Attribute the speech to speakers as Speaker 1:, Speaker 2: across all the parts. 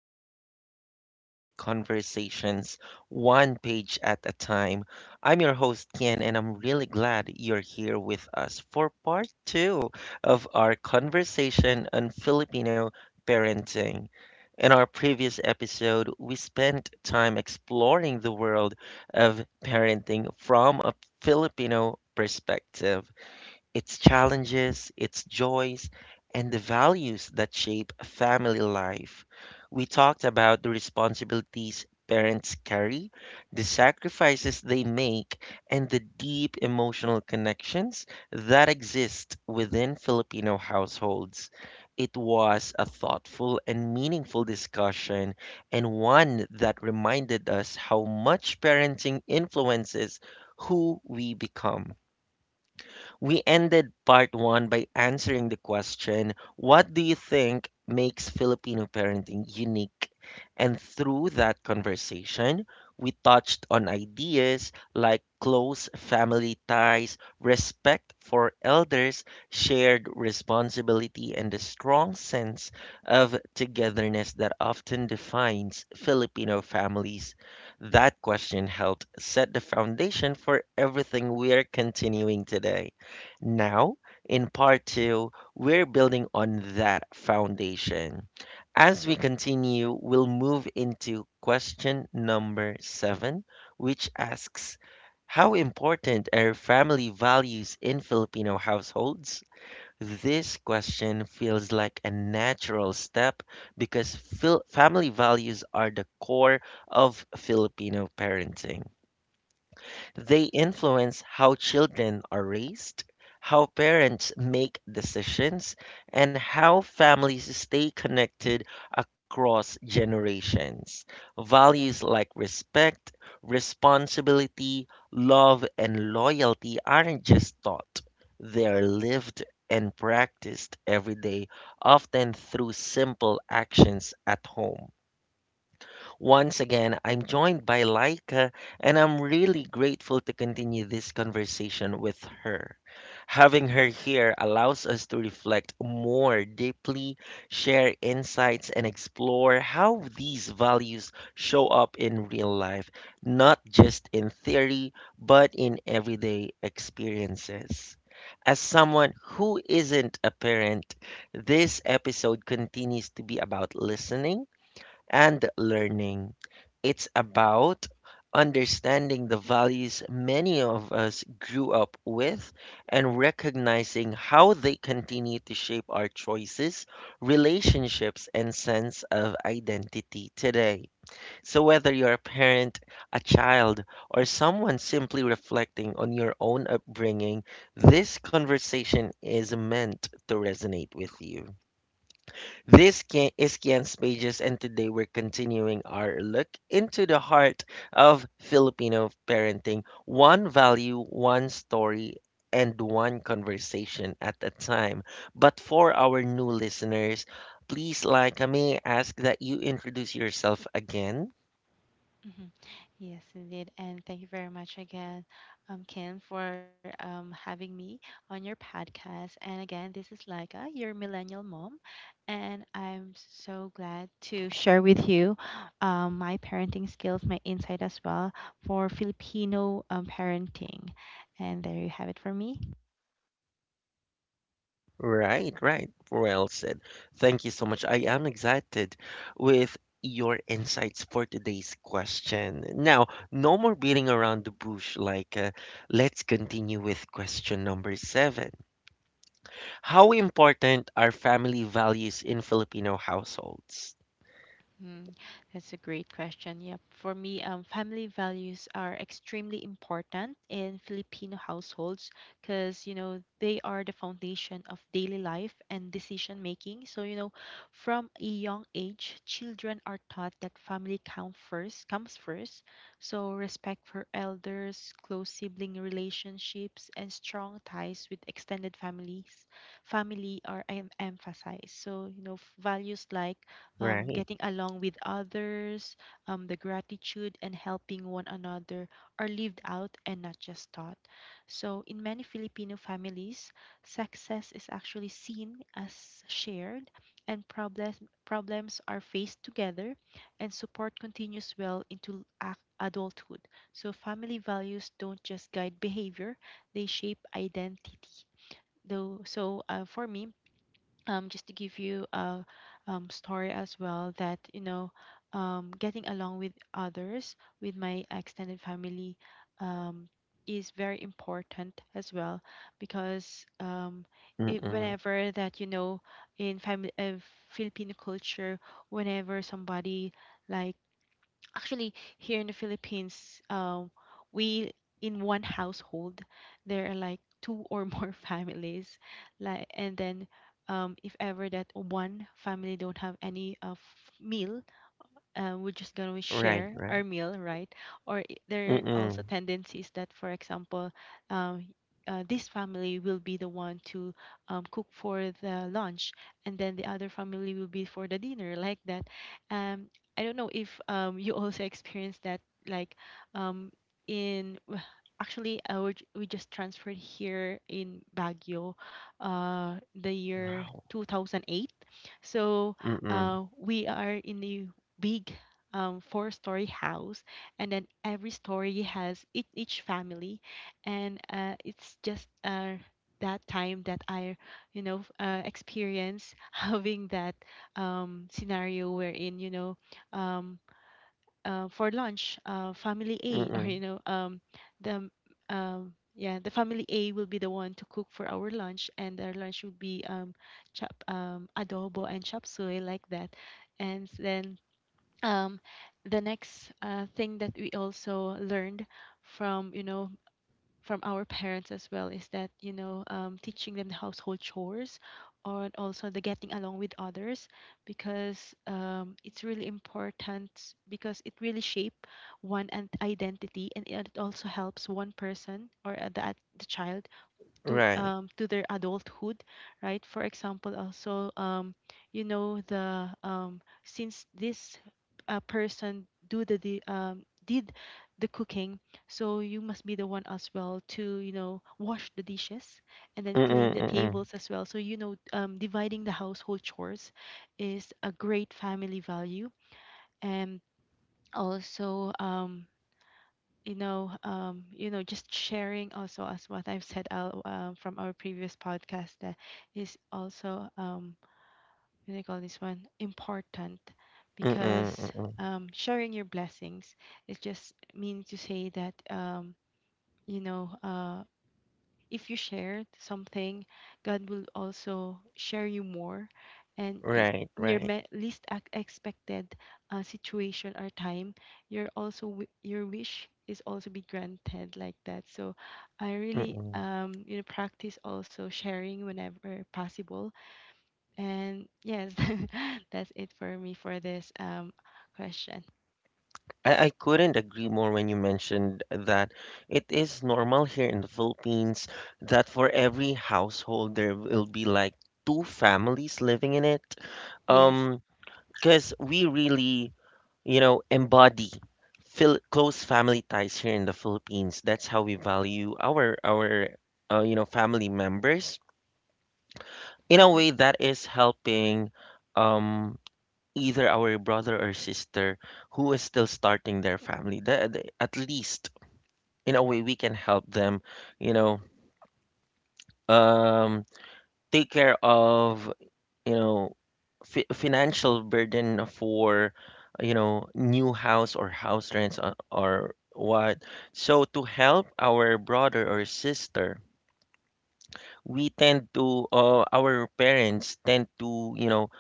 Speaker 1: turn into meaningful conversations, one page at a time. I'm your host, Kian, and I'm really glad you're here with us for part two of our conversation on Filipino parenting. In our previous episode, we spent time exploring the world of parenting from a Filipino perspective, its challenges, its joys, and the values that shape family life. We talked about the responsibilities parents carry, the sacrifices they make, and the deep emotional connections that exist within Filipino households. It was a thoughtful and meaningful discussion, and one that reminded us how much parenting influences who we become. We ended part one by answering the question, "What do you think makes Filipino parenting unique?" And through that conversation, we touched on ideas like close family ties, respect for elders, shared responsibility, and the strong sense of togetherness that often defines Filipino families. That question helped set the foundation for everything we are continuing today. Now, in part two, we're building on that foundation. As we continue, we'll move into question number seven, which asks, "How important are family values in Filipino households?" This question feels like a natural step because family values are the core of Filipino parenting. They influence how children are raised, how parents make decisions, and how families stay connected across generations. Values like respect, responsibility, love, and loyalty aren't just taught, they're lived and practiced every day, often through simple actions at home. Once again, I'm joined by Laika, and I'm really grateful to continue this conversation with her. Having her here allows us to reflect more deeply, share insights, and explore how these values show up in real life, not just in theory, but in everyday experiences. As someone who isn't a parent, this episode continues to be about listening and learning. It's about understanding the values many of us grew up with and recognizing how they continue to shape our choices, relationships, and sense of identity today. So, whether you're a parent, a child, or someone simply reflecting on your own upbringing, this conversation is meant to resonate with you. Is Kian's Pages, and today we're continuing our look into the heart of Filipino parenting, one value, one story, and one conversation at a time. But for our new listeners, please like me, ask that you introduce yourself again.
Speaker 2: Mhm. Yes, indeed. And thank you very much again, Kim, for having me on your podcast. And again, this is Laika, your millennial mom. And I'm so glad to share with you my parenting skills, my insight as well for Filipino parenting. And there you have it for me.
Speaker 1: Right, right. Well said. Thank you so much. I am excited with your insights for today's question. Now, no more beating around the bush. Like, let's continue with question number seven. How important are family values in Filipino households?
Speaker 2: Mm, that's a great question. Yep. For me, family values are extremely important in Filipino households because, you know, they are the foundation of daily life and decision making. So, you know, from a young age, children are taught that comes first. So, respect for elders, close sibling relationships, and strong ties with extended families, emphasized. So, you know, values like
Speaker 1: Right.
Speaker 2: getting along with others, the gratitude and helping one another are lived out and not just taught. So, in many Filipino families, success is actually seen as shared, and problems are faced together, and support continues well into adulthood. So, family values don't just guide behavior; they shape identity. So for me, just to give you a story as well, that you know getting along with others with my extended family um, is very important as well because it,
Speaker 1: Mm-mm.
Speaker 2: whenever that you know in family Filipino culture, whenever somebody like actually, here in the Philippines, we, in one household there are like two or more families, like and then if ever that one family don't have any meal, we're just gonna
Speaker 1: Right,
Speaker 2: share
Speaker 1: right.
Speaker 2: our meal, right? Or there
Speaker 1: Mm-mm.
Speaker 2: are also tendencies that, for example, um, this family will be the one to cook for the lunch, and then the other family will be for the dinner, like that. Um, I don't know if you also experience that, like um, in w- actually we just transferred here in Baguio, the year
Speaker 1: Wow.
Speaker 2: 2008. So
Speaker 1: Mm-mm.
Speaker 2: we are in the big, four-story house, and then every story has each family, and it's just that time that I you know, experience having that scenario wherein you know um, for lunch, family a or you
Speaker 1: Mm-mm.
Speaker 2: know the yeah the family a will be the one to cook for our lunch, and our lunch will be chop adobo and chop suey, like that. And then um, the next thing that we also learned from you know, from our parents as well, is that you know teaching them the household chores or also the getting along with others, because it's really important, because it really shape identity, and it also helps one person or the child
Speaker 1: Right.
Speaker 2: to their adulthood. Right, for example also, you know, the since this person do the did the cooking, so you must be the one as well to you know wash the dishes and then clean
Speaker 1: Mm-mm.
Speaker 2: the
Speaker 1: Mm-mm.
Speaker 2: tables as well. So you know, dividing the household chores is a great family value. And also you know, just sharing also, as what I've said out, from our previous podcast, that is also what do you call this one, important,
Speaker 1: Mm-mm.
Speaker 2: because
Speaker 1: Mm-mm.
Speaker 2: sharing your blessings is just meaning to say that you know, if you share something, God will also share you more. And it,
Speaker 1: Right,
Speaker 2: in your
Speaker 1: right.
Speaker 2: least expected situation or time, your also your wish is also be granted, like that. So I really
Speaker 1: Mm-mm.
Speaker 2: you know practice also sharing whenever possible. And yes, that's it for me for this question.
Speaker 1: I couldn't agree more when you mentioned that it is normal here in the Philippines that for every household there will be like two families living in it.
Speaker 2: Yes.
Speaker 1: Um, because we really, you know, embody fil close family ties here in the Philippines. That's how we value our you know, family members. In a
Speaker 2: Mm-hmm.
Speaker 1: way that is helping um either our brother or sister who is still starting their family. At least in a way we can help them, you know, um, take care of, you know, financial burden for, you know, new house or house rents, or what, so to help our brother or sister we tend to, our parents tend to, you know,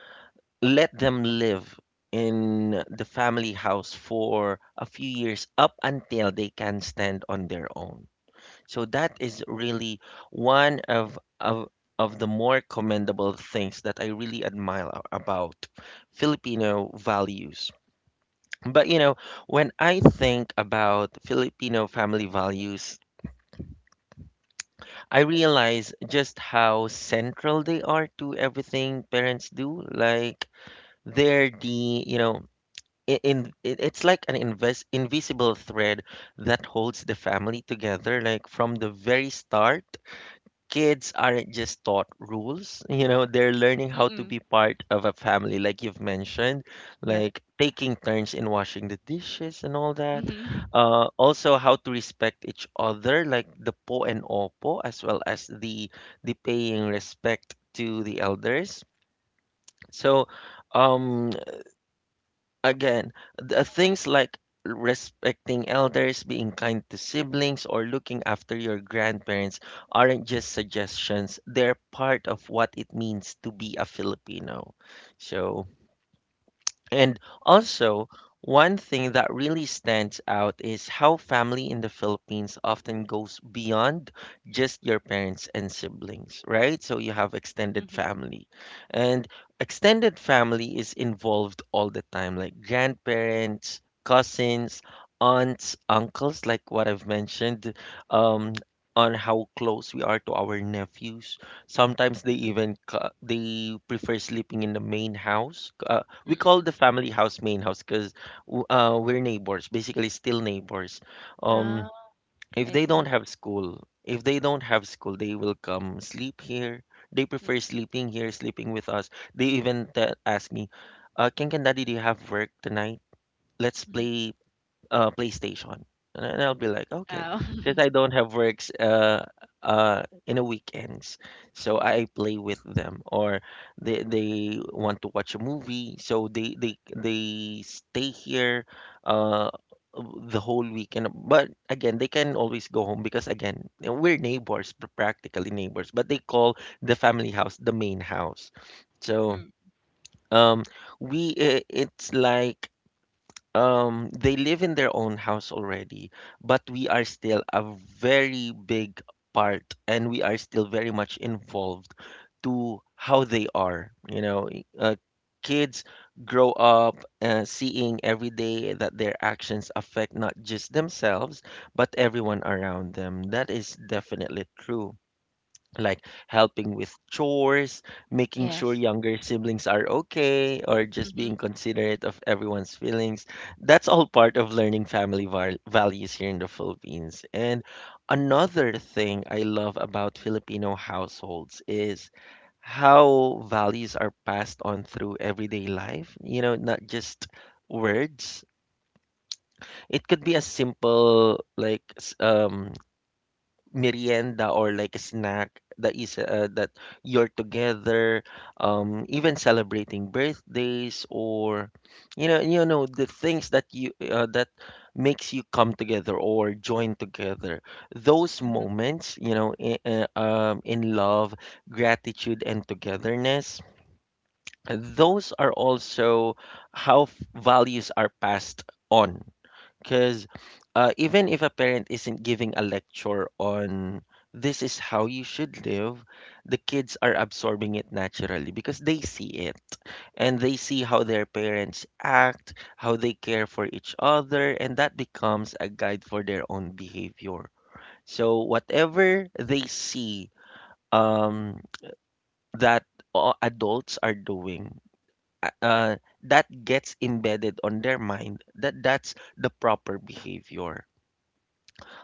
Speaker 1: let them live in the family house for a few years up until they can stand on their own. So that is really one of the more commendable things that I really admire about Filipino values. But you know, when I think about Filipino family values, I realize just how central they are to everything parents do. Like they're the, you know, it's like an invest invisible thread that holds the family together. Like from the very start, kids aren't just taught rules, you know, they're learning how to
Speaker 2: Mm-mm.
Speaker 1: be part of a family, like you've mentioned,
Speaker 2: Yep.
Speaker 1: like taking turns in washing the dishes and all that,
Speaker 2: Mm-hmm.
Speaker 1: also how to respect each other, like the po and opo, as well as the paying respect to the elders. So, um, again, the things like respecting elders, being kind to siblings, or looking after your grandparents aren't just suggestions. They're part of what it means to be a Filipino. So, and also, one thing that really stands out is how family in the Philippines often goes beyond just your parents and siblings, right? So you have extended
Speaker 2: Mm-hmm.
Speaker 1: family. And extended family is involved all the time, like grandparents, cousins, aunts, uncles, like what I've mentioned, um, on how close we are to our nephews. Sometimes they
Speaker 2: Mm-hmm.
Speaker 1: even they prefer sleeping in the main house. Uh, we call
Speaker 2: Mm-mm.
Speaker 1: the family house main house because, we're neighbors, basically still neighbors.
Speaker 2: Ah,
Speaker 1: Um, if
Speaker 2: I
Speaker 1: they don't
Speaker 2: see.
Speaker 1: have school they will come sleep here. They prefer sleeping here, sleeping with us. They even ask me, "King and Daddy, do you have work tonight? Let's
Speaker 2: Mm-hmm.
Speaker 1: play, PlayStation." And then I'll be like, "Okay,"
Speaker 2: Oh.
Speaker 1: because I don't have works, in the weekends, so
Speaker 2: Mm,
Speaker 1: I play with them. Or they want to watch a movie, so they stay here, uh, the whole weekend. But again, they can always go home because again, we're neighbors, practically neighbors. But they call the family house the main house. So,
Speaker 2: mm.
Speaker 1: um, it's like, they live in their own house already, but we are still a very big part, and we are still very much involved to how they are. You know, kids grow up, seeing every day that their actions affect not just themselves, but everyone around them. That is definitely true, like helping with chores, making sure
Speaker 2: Yes.
Speaker 1: younger siblings are okay, or just
Speaker 2: Mm-hmm.
Speaker 1: being considerate of everyone's feelings. That's all part of learning family values here in the Philippines. And another thing I love about Filipino households is how values are passed on through everyday life, you know, not just words. It could be as simple like merienda, or like a snack, that is, that you're together, um, even celebrating birthdays, or, you know, you know, the things that you, that makes you come together or join together, those
Speaker 2: Mm-hmm.
Speaker 1: moments, you know, in love, gratitude, and togetherness. Those are also how values are passed on, because, even if a parent isn't giving a lecture on "This is how you should live," the kids are absorbing it naturally because they see it, and they see how their parents act, how they care for each other, and that becomes a guide for their own behavior. So, whatever they see, um, that, adults are doing, uh, uh, that gets embedded on their mind, that that's the proper behavior.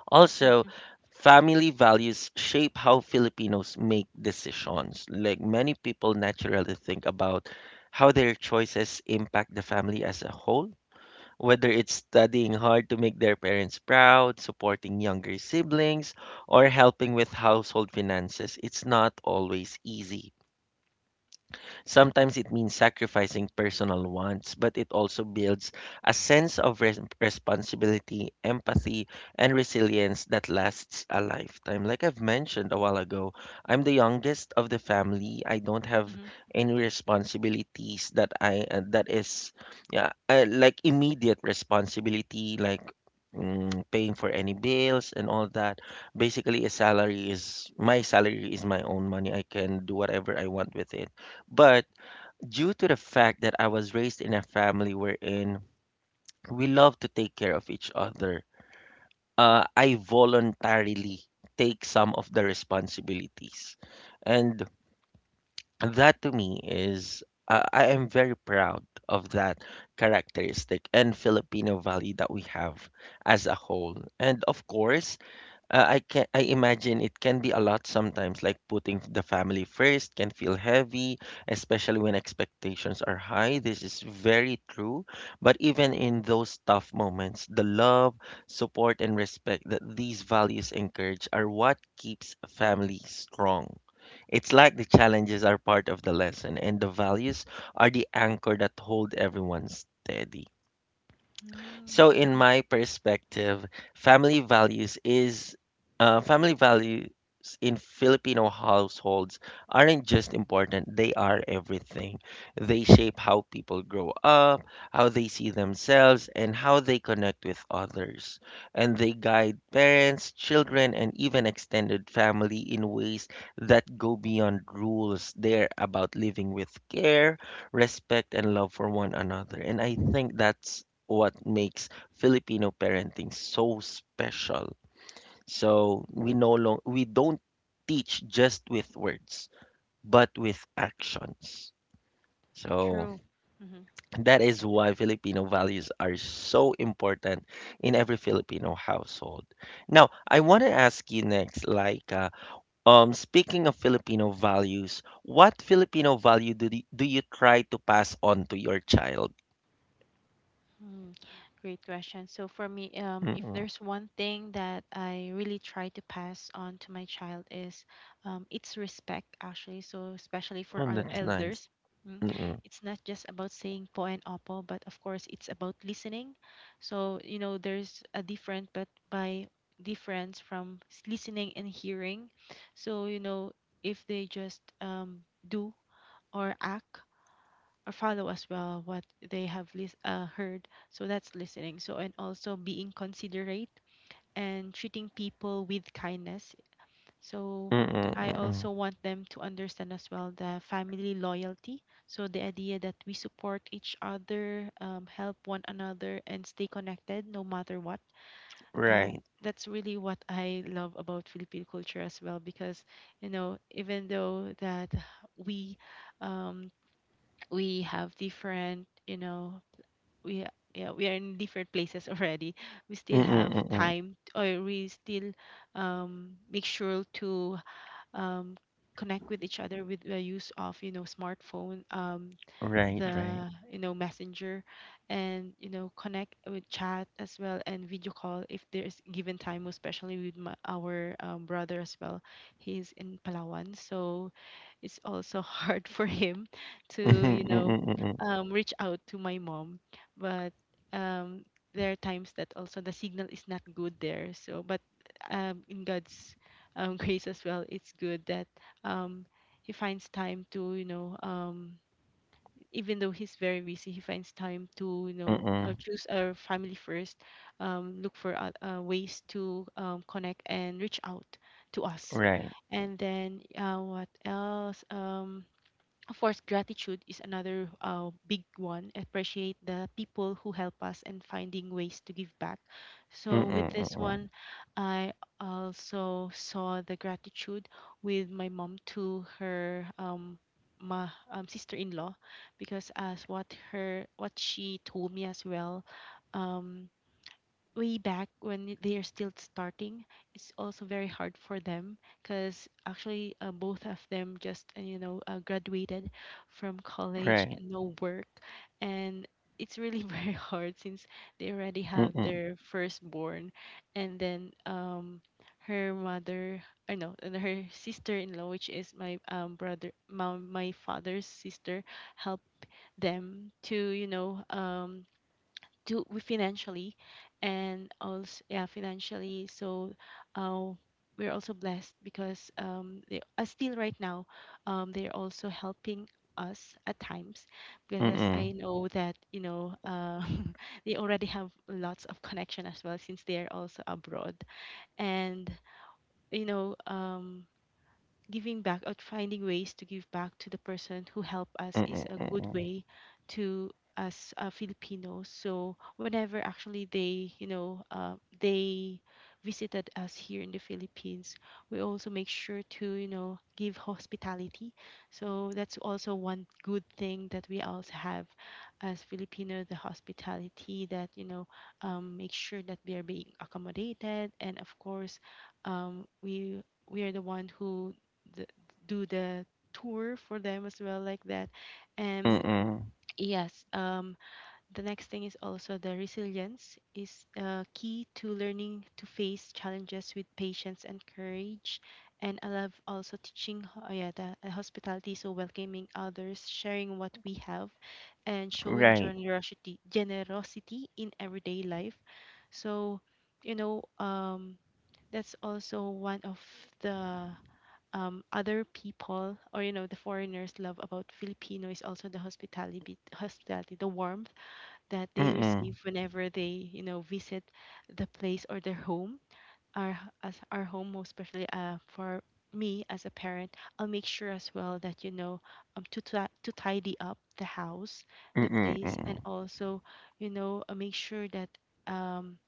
Speaker 1: Also,
Speaker 2: Mm-hmm.
Speaker 1: family values shape how Filipinos make decisions. Like many people naturally think about how their choices impact the family as a whole. Whether it's studying hard to make their parents proud, supporting younger siblings, or helping with household finances, it's not always easy. Sometimes it means sacrificing personal wants, but it also builds a sense of responsibility, empathy, and resilience that lasts a lifetime. Like I've mentioned a while ago, I'm the youngest of the family. I don't have
Speaker 2: Mm-hmm.
Speaker 1: any responsibilities that I that is yeah, like immediate responsibility, like, paying for any bills and all that. Basically, a salary is my own money. I can do whatever I want with it. But due to the fact that I was raised in a family wherein we love to take care of each other, I voluntarily take some of the responsibilities. And that to me is, I am very proud of that characteristic and Filipino value that we have as a whole. And of course, I imagine it can be a lot sometimes, like putting the family first can feel heavy, especially when expectations are high. This is very true. But even in those tough moments, the love, support, and respect that these values encourage are what keeps family strong. It's like the challenges are part of the lesson, and the values are the anchor that hold everyone steady. So in
Speaker 2: Mm-hmm.
Speaker 1: my perspective, family values is family values in Filipino households aren't just important, they are everything. They shape how people grow up, how they see themselves, and how they connect with others. And they guide parents, children, and even extended family in ways that go beyond rules. They're about living with care, respect, and love for one another. And I think that's what makes Filipino parenting so special. So we no long we don't teach just with words, but with actions. So
Speaker 2: True.
Speaker 1: that is why Filipino values are so important in every Filipino household. Now, I want to ask you next, speaking of Filipino values, what Filipino value do you try to pass on to your child?
Speaker 2: Mm, great question. So for me, if
Speaker 1: Mm-mm.
Speaker 2: there's one thing that I really try to pass on to my child is, it's respect, actually. So especially
Speaker 1: Oh,
Speaker 2: for our
Speaker 1: that's nice.
Speaker 2: elders, mm,
Speaker 1: Mm-mm.
Speaker 2: it's not just about saying po and opo, but of course it's about listening. So you know there's a different, but by difference from listening and hearing. So you know if they just do or act or follow as well what they have heard. So that's listening. So, and also being considerate and treating people with kindness. So,
Speaker 1: Mm-mm.
Speaker 2: I
Speaker 1: Mm-mm.
Speaker 2: also want them to understand as well the family loyalty. So, the idea that we support each other, help one another, and stay connected no matter what.
Speaker 1: Right. Right.
Speaker 2: That's really what I love about Filipino culture as well, because, you know, even though that we um, we have different, you know, we yeah, we are in different places already, we still
Speaker 1: Mm-mm,
Speaker 2: have
Speaker 1: mm-mm.
Speaker 2: time, or we still make sure to um, connect with each other with the use of, you know, smartphone,
Speaker 1: Right, right.
Speaker 2: the, you know, messenger, and you know connect with chat as well and video call, if there's given time, especially with our brother as well. He's in Palawan, so it's also hard for him
Speaker 1: Mhm,
Speaker 2: to you
Speaker 1: Mm-mm,
Speaker 2: know
Speaker 1: mm-mm,
Speaker 2: reach out to my mom. But um, there are times that also the signal is not good there. So but in God's grace as well, it's good that um, he finds time to, you know, even though he's very busy, he finds time to, you know,
Speaker 1: mm-mm.
Speaker 2: choose our family first, look for ways to connect and reach out to us.
Speaker 1: Right.
Speaker 2: And then what else? Of course, gratitude is another big one. Appreciate the people who help us and finding ways to give back. So,
Speaker 1: Mm-mm,
Speaker 2: with this
Speaker 1: mm-mm.
Speaker 2: one, I also saw the gratitude with my mom to her my sister-in-law, because as what her, what she told me as well, um, way back when they are still starting, it's also very hard for them, because actually both of them just graduated from college
Speaker 1: Right.
Speaker 2: and no work, and it's really very hard since they already have
Speaker 1: Mm-mm,
Speaker 2: their firstborn, and then her mother, I know, and her sister-in-law, which is my my father's sister, helped them to you know to we financially, and also yeah, financially. So uh, we're also blessed because they still right now they're also helping us at times, because
Speaker 1: mm-mm,
Speaker 2: I know that you know, they already have lots of connection as well since they are also abroad. And you know giving back or finding ways to give back to the person who helped us
Speaker 1: mm-mm,
Speaker 2: is a
Speaker 1: mm-mm.
Speaker 2: good way to us Filipinos. So whenever actually they, you know, they visited us here in the Philippines, we also make sure to, you know, give hospitality. So that's also one good thing that we also have as Filipino, the hospitality that, you know, make sure that they are being accommodated. And of course, um, we we are the one who th- do the tour for them as well, like that. And
Speaker 1: Mm-mm.
Speaker 2: yes, the next thing is also the resilience is key to learning to face challenges with patience and courage. And I love also teaching oh yeah, the hospitality, so welcoming others, sharing what we have, and showing
Speaker 1: Right.
Speaker 2: generosity in everyday life. So you know that's also one of the other people, or you know the foreigners love about Filipino is also the hospitality, hospitality, the warmth that they
Speaker 1: Mm-mm,
Speaker 2: receive whenever they you know visit the place or their home, as our home. Most especially for me as a parent, I'll make sure as well that you know to to tidy up the house, the place, and
Speaker 1: mm-mm,
Speaker 2: also you know, make sure that um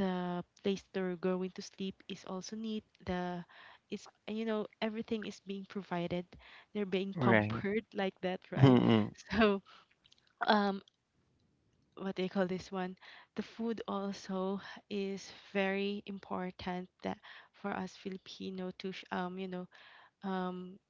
Speaker 2: the place they're going to sleep is also neat, the is, you know, everything is being provided, they're being
Speaker 1: Right.
Speaker 2: pampered, like that, right?
Speaker 1: Mm-mm,
Speaker 2: So um what they call this one, the food also is very important, that for us Filipino to you know, um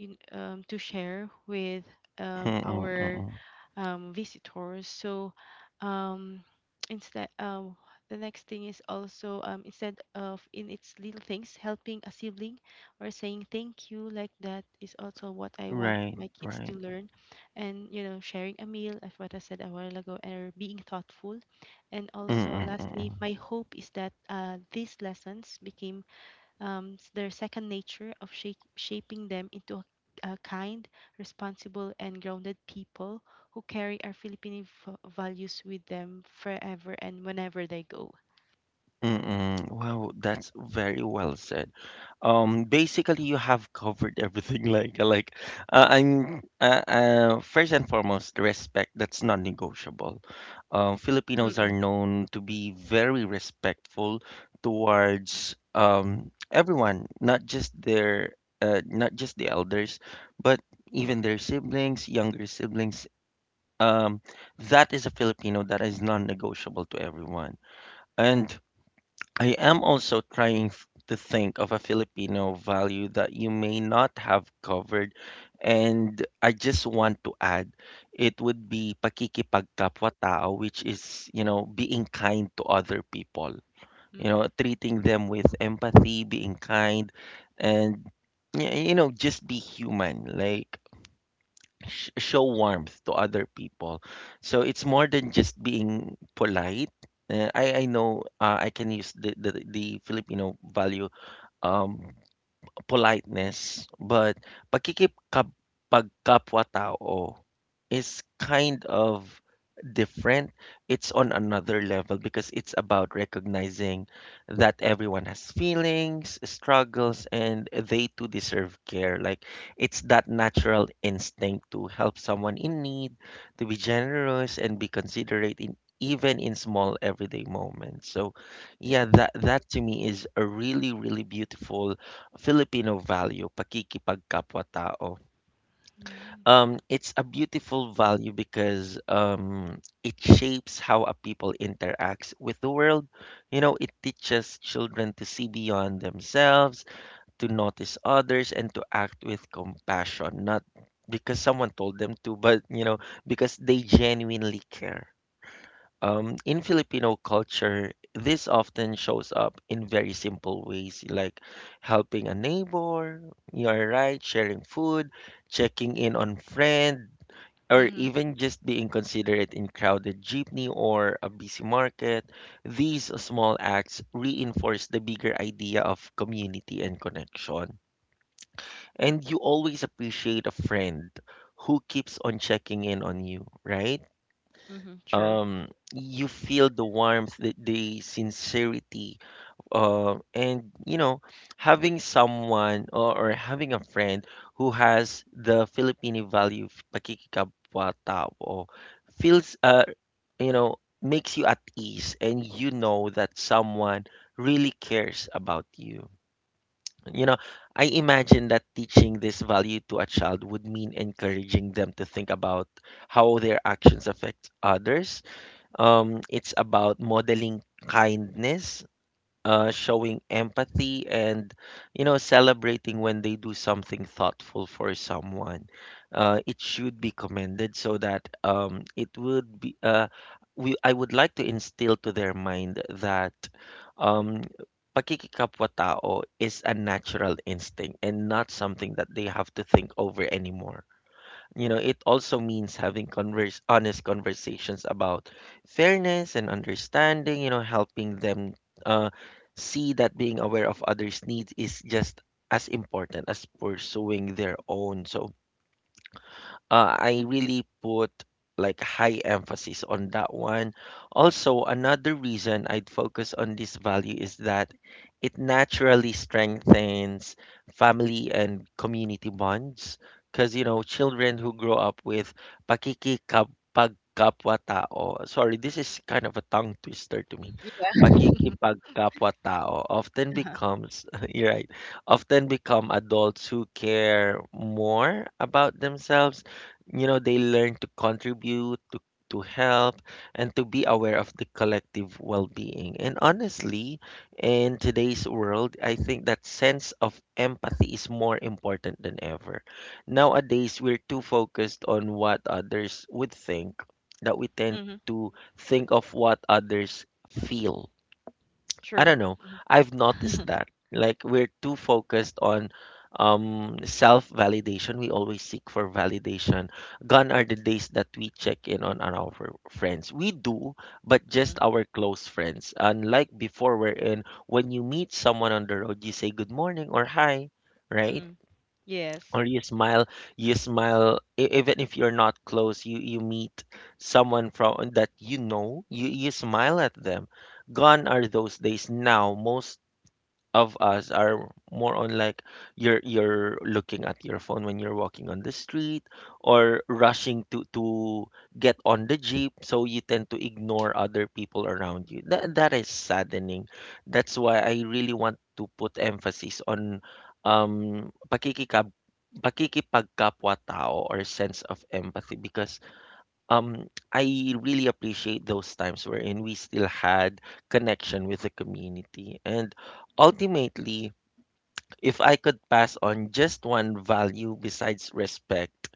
Speaker 2: to share with
Speaker 1: mm-mm,
Speaker 2: our
Speaker 1: mm
Speaker 2: visitors. So um, instead, the next thing is also instead of in its little things, helping a sibling or saying thank you, like that, is also what I want
Speaker 1: Right,
Speaker 2: my kids to
Speaker 1: right.
Speaker 2: learn, and you know sharing a meal, as what I said a while ago, and being thoughtful. And also
Speaker 1: Mm-mm, mm-mm.
Speaker 2: lastly, my hope is that these lessons became their second nature, of shaping them into a kind, responsible, and grounded people who carry our Filipino values with them forever and whenever they go.
Speaker 1: Mm-mm. Wow, that's very well said. Basically, you have covered everything. Like, I'm First and foremost, respect. That's non-negotiable. Filipinos are
Speaker 2: Mm-mm.
Speaker 1: known to be very respectful towards everyone, not just the elders, but even their siblings, younger siblings. Um, that is a Filipino that is non-negotiable to everyone. And I am also trying to think of a Filipino value that you may not have covered. And I just want to add, it would be pakikipagkapwa-tao, which is, you know, being kind to other people. You
Speaker 2: Mm-mm.
Speaker 1: know, treating them with empathy, being kind, and you know, just be human. Like show warmth to other people. So it's more than just being polite. I know I can use the Filipino value um politeness, but pakikipkap pagkapwa-tao is kind of different. It's on another level because it's about recognizing that everyone has feelings, struggles, and they too deserve care. Like it's that natural instinct to help someone in need, to be generous and be considerate in even in small everyday moments. So yeah, that to me is a really, really beautiful Filipino value, pakikipagkapwa-tao.
Speaker 2: Mm-hmm.
Speaker 1: It's a beautiful value because it shapes how a people interacts with the world. You know, it teaches children to see beyond themselves, to notice others, and to act with compassion, not because someone told them to, but you know, because they genuinely care. In Filipino culture, this often shows up in very simple ways like helping a neighbor, you're right, sharing food, checking in on friend, or
Speaker 2: Mm-hmm.
Speaker 1: even just being considerate in crowded jeepney or a busy market. These small acts reinforce the bigger idea of community and connection. And you always appreciate a friend who keeps on checking in on you, right?
Speaker 2: Mm-hmm. True.
Speaker 1: um you feel the warmth the sincerity and you know having someone or having a friend who has the Filipino value of pakikikapwa tao feels you know makes you at ease and you know that someone really cares about you you know I imagine that teaching this value to a child would mean encouraging them to think about how their actions affect others it's about modeling kindness, showing empathy, and you know, celebrating when they do something thoughtful for someone. It should be commended so that it would be. We I would like to instill to their mind that um, pakikikapwa tao is a natural instinct and not something that they have to think over anymore. You know, it also means having converse honest conversations about fairness and understanding, you know, helping them uh, see that being aware of others' needs is just as important as pursuing their own. So, I really put like high emphasis on that one. Also, another reason I'd focus on this value is that it naturally strengthens family and community bonds. Because, you know, children who grow up with pakikikapagkapwa tao, sorry, this is kind of a tongue twister to me. Pakikipagkapwa tao often
Speaker 2: Yeah.
Speaker 1: becomes, you're right, often become adults who care more about themselves you know they learn to contribute to help and to be aware of the collective well-being and honestly in today's world I think that sense of empathy is more important than ever nowadays we're too focused on what others would think that we tend
Speaker 2: Mm-hmm.
Speaker 1: to think of what others feel. I
Speaker 2: True.
Speaker 1: don't know. I've noticed
Speaker 2: Mm-hmm.
Speaker 1: that. Like we're too focused on self-validation. We always seek for validation. Gone are the days that we check in on our friends. We do, but just
Speaker 2: mm-mm.
Speaker 1: our close friends. Unlike before, wherein when you meet someone on the road, you say good morning or hi, right?
Speaker 2: Mm-mm. Yes.
Speaker 1: Or you smile, even if you're not close you meet someone from that you know you smile at them. Gone are those days. Now most of us are more on like you're looking at your phone when you're walking on the street or rushing to get on the jeep so you tend to ignore other people around you. That is saddening. That's why I really want to put emphasis on pakikikab pakikipagkapwa tao or sense of empathy because I really appreciate those times wherein we still had connection with the community. And Mm. Ultimately, if I could pass on just one value besides respect,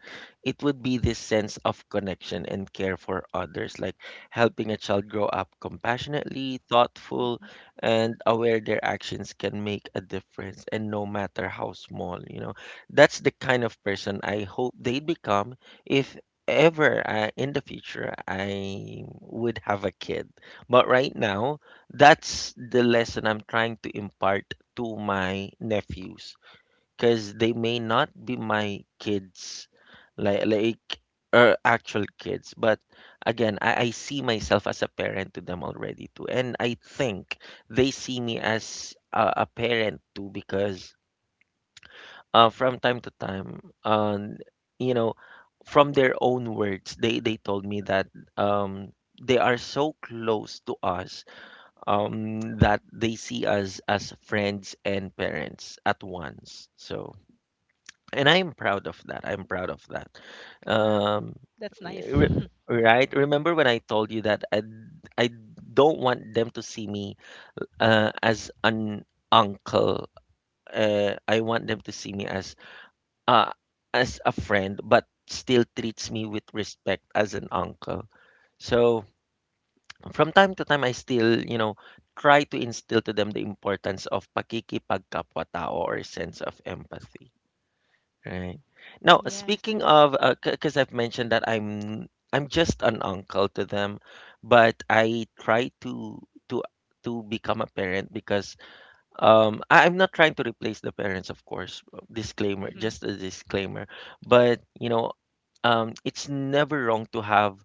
Speaker 1: it would be this sense of connection and care for others, like helping a child grow up compassionately, thoughtful,
Speaker 2: Mm-hmm.
Speaker 1: and aware their actions can make a difference, and no matter how small, you know. That's the kind of person I hope they'd become if ever in the future I would have a kid. But right now, that's the lesson I'm trying to impart to my nephews because they may not be my kids like actual kids. But again, I see myself as a parent to them already too and I think they see me as a parent too because from time to time you know from their own words they told me that um, they are so close to us that they see us as friends and parents at once. So, and I'm proud of that. I'm proud of that.
Speaker 2: Wow.
Speaker 1: Um,
Speaker 2: That's nice.
Speaker 1: re- right? Remember when I told you that I don't want them to see me as an uncle. I want them to see me uh, as a friend, but still treats me with respect as an uncle. So from time to time I still, you know, try to instill to them the importance of pakikipagkapwa-tao or sense of empathy, right? Now,
Speaker 2: Yes.
Speaker 1: speaking of because I've mentioned that I'm just an uncle to them, but I try to to to become a parent because I'm not trying to replace the parents, of course. Disclaimer,
Speaker 2: Mm-hmm.
Speaker 1: just a disclaimer. But, you know, it's never wrong to have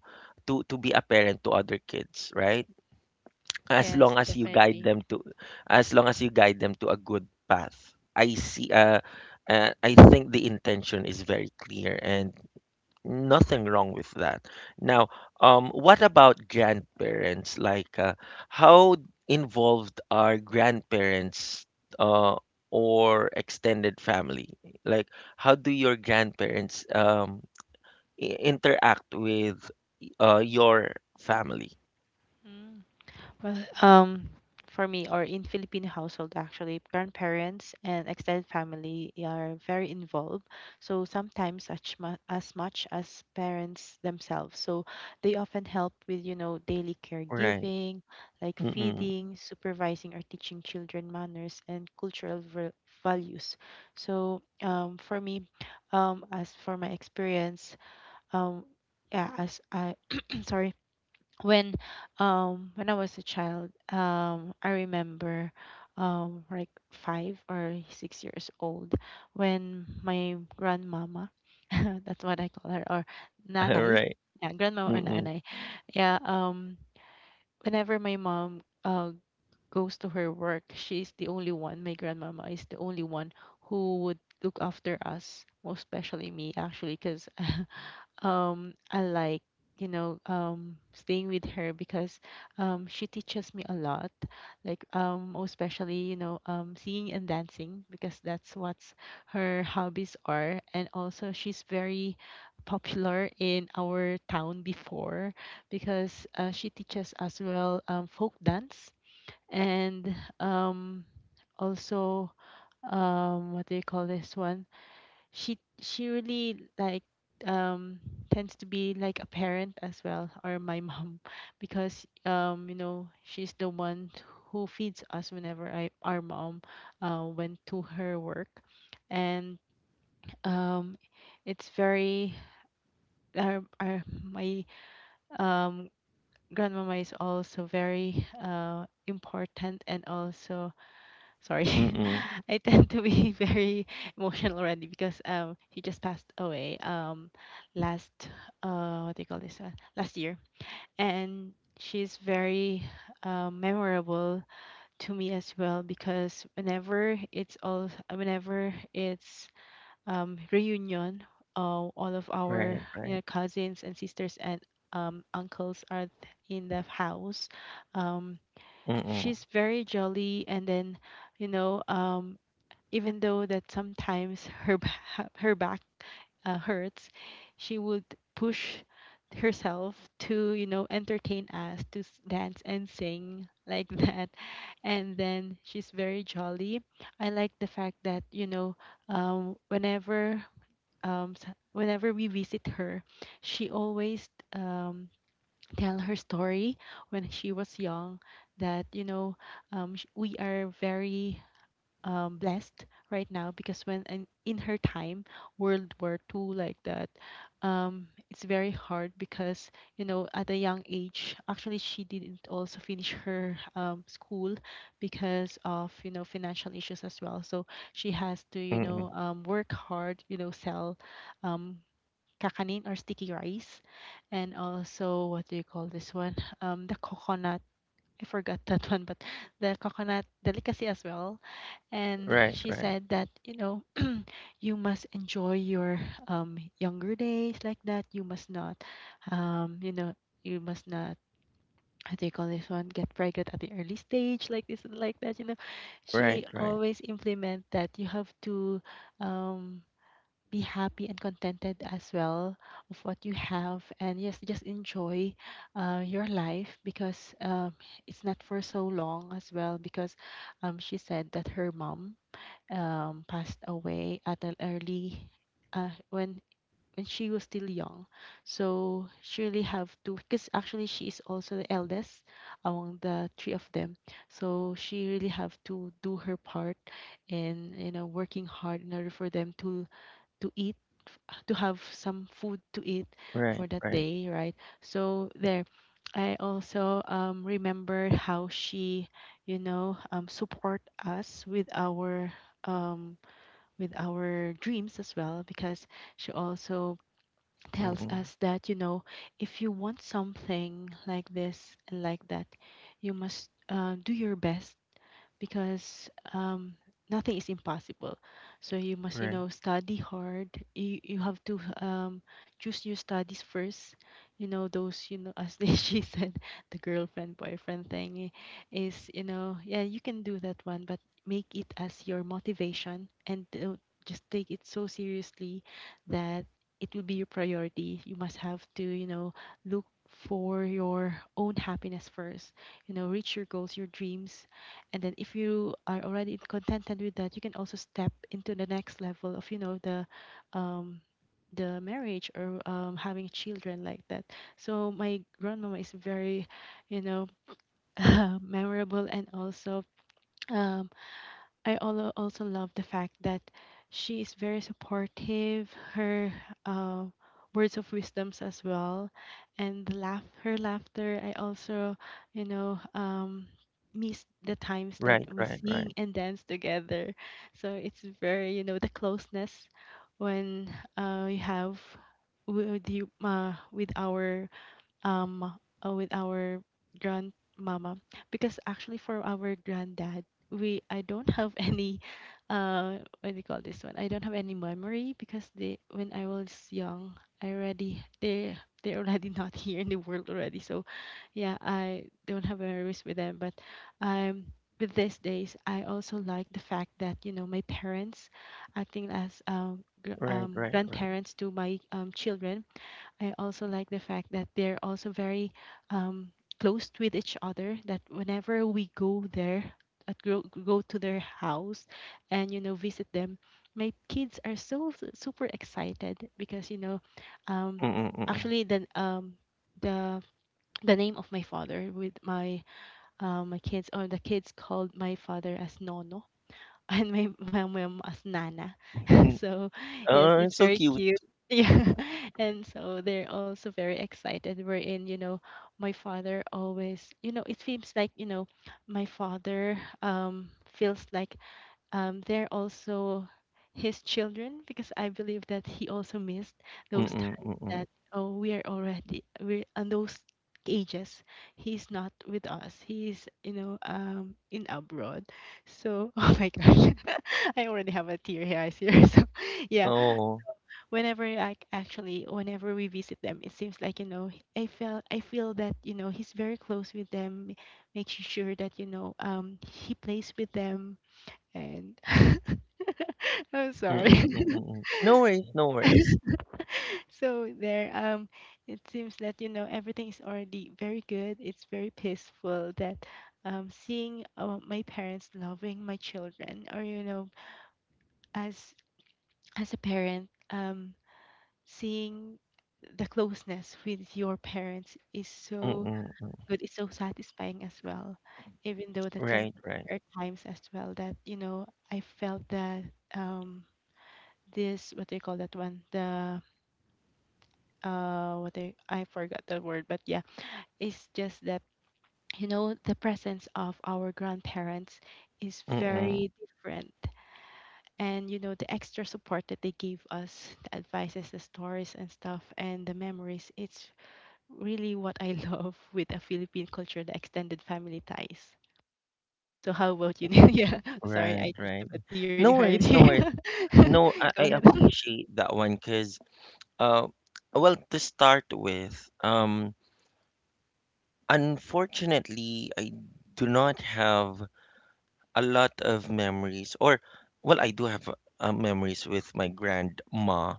Speaker 1: to be a parent to other kids, right? as long
Speaker 2: Yes,
Speaker 1: as you guide
Speaker 2: definitely.
Speaker 1: them to as long as you guide them to a good path I see I think the intention is very clear and nothing wrong with that. Now what about grandparents how involved are grandparents uh or extended family like how do your grandparents interact with your family,
Speaker 2: Mm. Well, um, for me, or in Filipino household, actually, grandparents and extended family are very involved. So sometimes as, as much as parents themselves. So they often help with, you know, daily
Speaker 1: right?
Speaker 2: caregiving, like
Speaker 1: Mm-mm.
Speaker 2: feeding, supervising, or teaching children manners and cultural values. So for me, as for my experience, um, yeah, as I, sorry, when when I was a child, I remember like 5 or 6 years old, when my grandmama, that's what I call her, or nanay.
Speaker 1: Right.
Speaker 2: Yeah, grandmama or nanay. Yeah, whenever my mom goes to her work, she's the only one, my grandmama is the only one who would look after us, most especially me actually, because I like, you know, staying with her because she teaches me a lot, like most especially, you know, singing and dancing, because that's what her hobbies are. And also she's very popular in our town before, because she teaches as well, folk dance. And um also, what do you call this one, she really like, um tends to be like a parent as well, or my mom. Because you know, she's the one who feeds us whenever I our mom went to her work. And um it's very, our my um grandmama is also very important. And also, sorry,
Speaker 1: Mm.
Speaker 2: I tend to be very emotional already, because he just passed away, last, what do you call this last year. And she's very memorable to me as well, because whenever it's, reunion, all of
Speaker 1: Right,
Speaker 2: our, you
Speaker 1: right.
Speaker 2: know, cousins and sisters and, uncles are in the house. um
Speaker 1: Mm,
Speaker 2: she's very jolly. And then, you know, even though that sometimes her her back hurts, she would push herself to, you know, entertain us, to dance and sing like that. And then she's very jolly. I like the fact that, you know, whenever, whenever we visit her, she always tell her story when she was young. That, you know, we are very blessed right now, because when, in her time, World War II like that, it's very hard because, you know, at a young age, actually she didn't also finish her, school, because of, you know, financial issues as well. So she
Speaker 1: mm.
Speaker 2: has to, you know, work hard, you know, sell um, kakanin or sticky rice, and also, what do you call this one? The coconut. I forgot that one, but the coconut delicacy as well. And
Speaker 1: Right,
Speaker 2: she
Speaker 1: right.
Speaker 2: said that, you know, you must enjoy your younger days, like that. You must not, you know, you must not, how do you call this one, get pregnant at the early stage like this and like that, you know.
Speaker 1: Right,
Speaker 2: She
Speaker 1: right.
Speaker 2: always implement that you have to um be happy and contented as well of what you have. And yes, just enjoy your life, because it's not for so long as well, because she said that her mom passed away at an early, uh, when when she was still young. So she really have to, because actually she is also the eldest among the three of them. So she really have to do her part in, you know, working hard in order for them to eat, to have some food to eat
Speaker 1: Right,
Speaker 2: for that
Speaker 1: right.
Speaker 2: day, right? So there, I also remember how she, you know, support us with our, um, with our dreams as well, because she also tells
Speaker 1: Mm.
Speaker 2: us that, you know, if you want something like this and like that, you must do your best, because nothing is impossible. So you must, you
Speaker 1: Right.
Speaker 2: know, study hard. You have to choose your studies first. You know those, you know, as they, she said, the girlfriend boyfriend thing is, you know, yeah, you can do that one, but make it as your motivation and don't just take it so seriously that it will be your priority. You must have to, you know, look for your own happiness first, you know, reach your goals, your dreams. And then if you are already contented with that, you can also step into the next level of, you know, the, um marriage, or having children like that. So my grandmama is very, you know, memorable. And also um, I also love the fact that she is very supportive. Her uh, words of wisdoms as well, and the laugh, her laughter. I also, you know,
Speaker 1: Right, right, right.
Speaker 2: miss the times that we sing and dance together. So it's very, you know, the closeness when, we have with you, with our, um with our grandmama. Because actually for our granddad, we I don't have any, what do you call this one, I don't have any memory, because they when I was young, I already they're already not here in the world already. So yeah, I don't have memories with them. But um with these days, I also like the fact that, you know, my parents acting as,
Speaker 1: Right, right, right.
Speaker 2: grandparents to my children. I also like the fact that they're also very um, close with each other. That whenever we go there, go to their house, and, you know, visit them, my kids are so super excited because, you know, um,
Speaker 1: Mm,
Speaker 2: actually, the the name of my father with my, my kids, or the kids called my father as Nono, and my mom as Nana.
Speaker 1: mm.
Speaker 2: So
Speaker 1: Oh,
Speaker 2: yes,
Speaker 1: it's
Speaker 2: it's
Speaker 1: so
Speaker 2: very
Speaker 1: cute.
Speaker 2: cute. Yeah. And so they're also very excited. We're in, you know, my father always, you know, it seems like, you know, my father feels like they're also his children, because I believe that he also missed those
Speaker 1: Mm,
Speaker 2: times
Speaker 1: mm.
Speaker 2: that, oh, we are already, we're on those ages, he's not with us, he's, you know, in abroad. So oh my gosh. I already have a tear here, I see. So yeah,
Speaker 1: Oh.
Speaker 2: whenever I actually whenever we visit them, it seems like, you know, I feel that, you know, he's very close with them, making sure that, you know, he plays with them. And I'm sorry.
Speaker 1: Mm, mm. No worries, no worries.
Speaker 2: So there, it seems that, you know, everything is already very good. It's very peaceful. That, seeing my parents loving my children, or, you know, as as a parent, seeing the closeness with your parents is so
Speaker 1: Mm-mm. Mm.
Speaker 2: good. It's so satisfying as well. Even though that some,
Speaker 1: Right, right.
Speaker 2: there are times as well that, you know, I felt that um this, what do you call that one, the, what they I forgot the word, but yeah, it's just that, you know, the presence of our grandparents is
Speaker 1: Mm.
Speaker 2: very different. And you know the extra support that they gave us, the advices, the stories and stuff, and the memories, it's really what I love with a Philippine culture, the extended family ties. So how about you, Neil? Yeah, sorry,
Speaker 1: Right,
Speaker 2: I just have
Speaker 1: right.
Speaker 2: a teary
Speaker 1: No
Speaker 2: eyed
Speaker 1: worries, no
Speaker 2: here.
Speaker 1: worries. No,
Speaker 2: Go
Speaker 1: I
Speaker 2: ahead.
Speaker 1: appreciate that one, cause uh well, to start with, unfortunately, I do not have a lot of memories, or, well, I do have memories with my grandma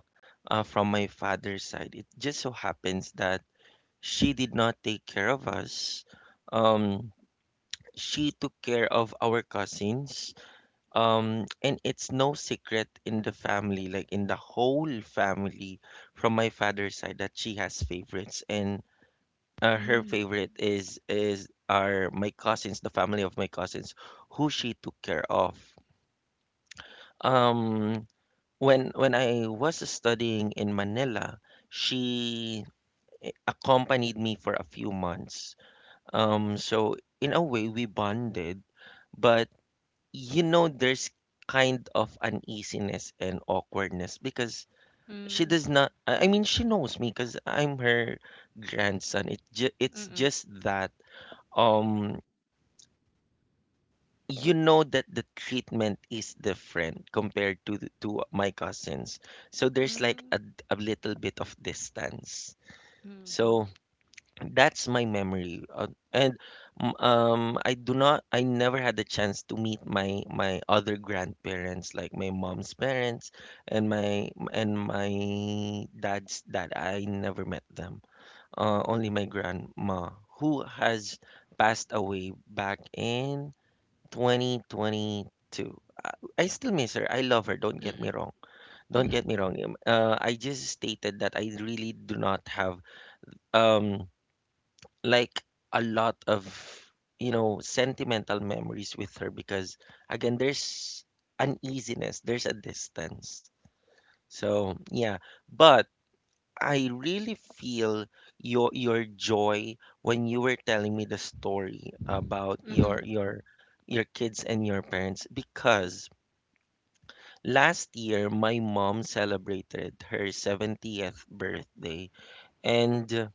Speaker 1: from my father's side. It just so happens that she did not take care of us. Um, she took care of our cousins. And it's no secret in the family, like in the whole family from my father's side, that she has favorites. And her favorite is are my cousins, the family of my cousins, who she took care of. Um, when I was studying in Manila, she accompanied me for a few months. So in a way we bonded, but you know there's kind of uneasiness and awkwardness because she
Speaker 2: Mm,
Speaker 1: does not I I mean she knows me because I'm her grandson. It's
Speaker 2: mm-mm, mm.
Speaker 1: just that um you know that the treatment is different compared to my cousins, so there's like
Speaker 2: Mm.
Speaker 1: a little bit of distance.
Speaker 2: Mhm.
Speaker 1: So that's my memory. And I do not, I never had the chance to meet my other grandparents like my mom's parents and my dad's dad. I never met them, only my grandma, who has passed away back in 2022. I I still miss her. I love her. Don't get me
Speaker 2: Mm.
Speaker 1: wrong. Don't
Speaker 2: Mhm.
Speaker 1: get me wrong. I just stated that I really do not have um like a lot of you know sentimental memories with her because again there's uneasiness, there's a distance. So yeah, but I really feel your joy when you were telling me the story about
Speaker 2: Mhm.
Speaker 1: your kids and your parents because last year, my mom celebrated her 70th birthday, and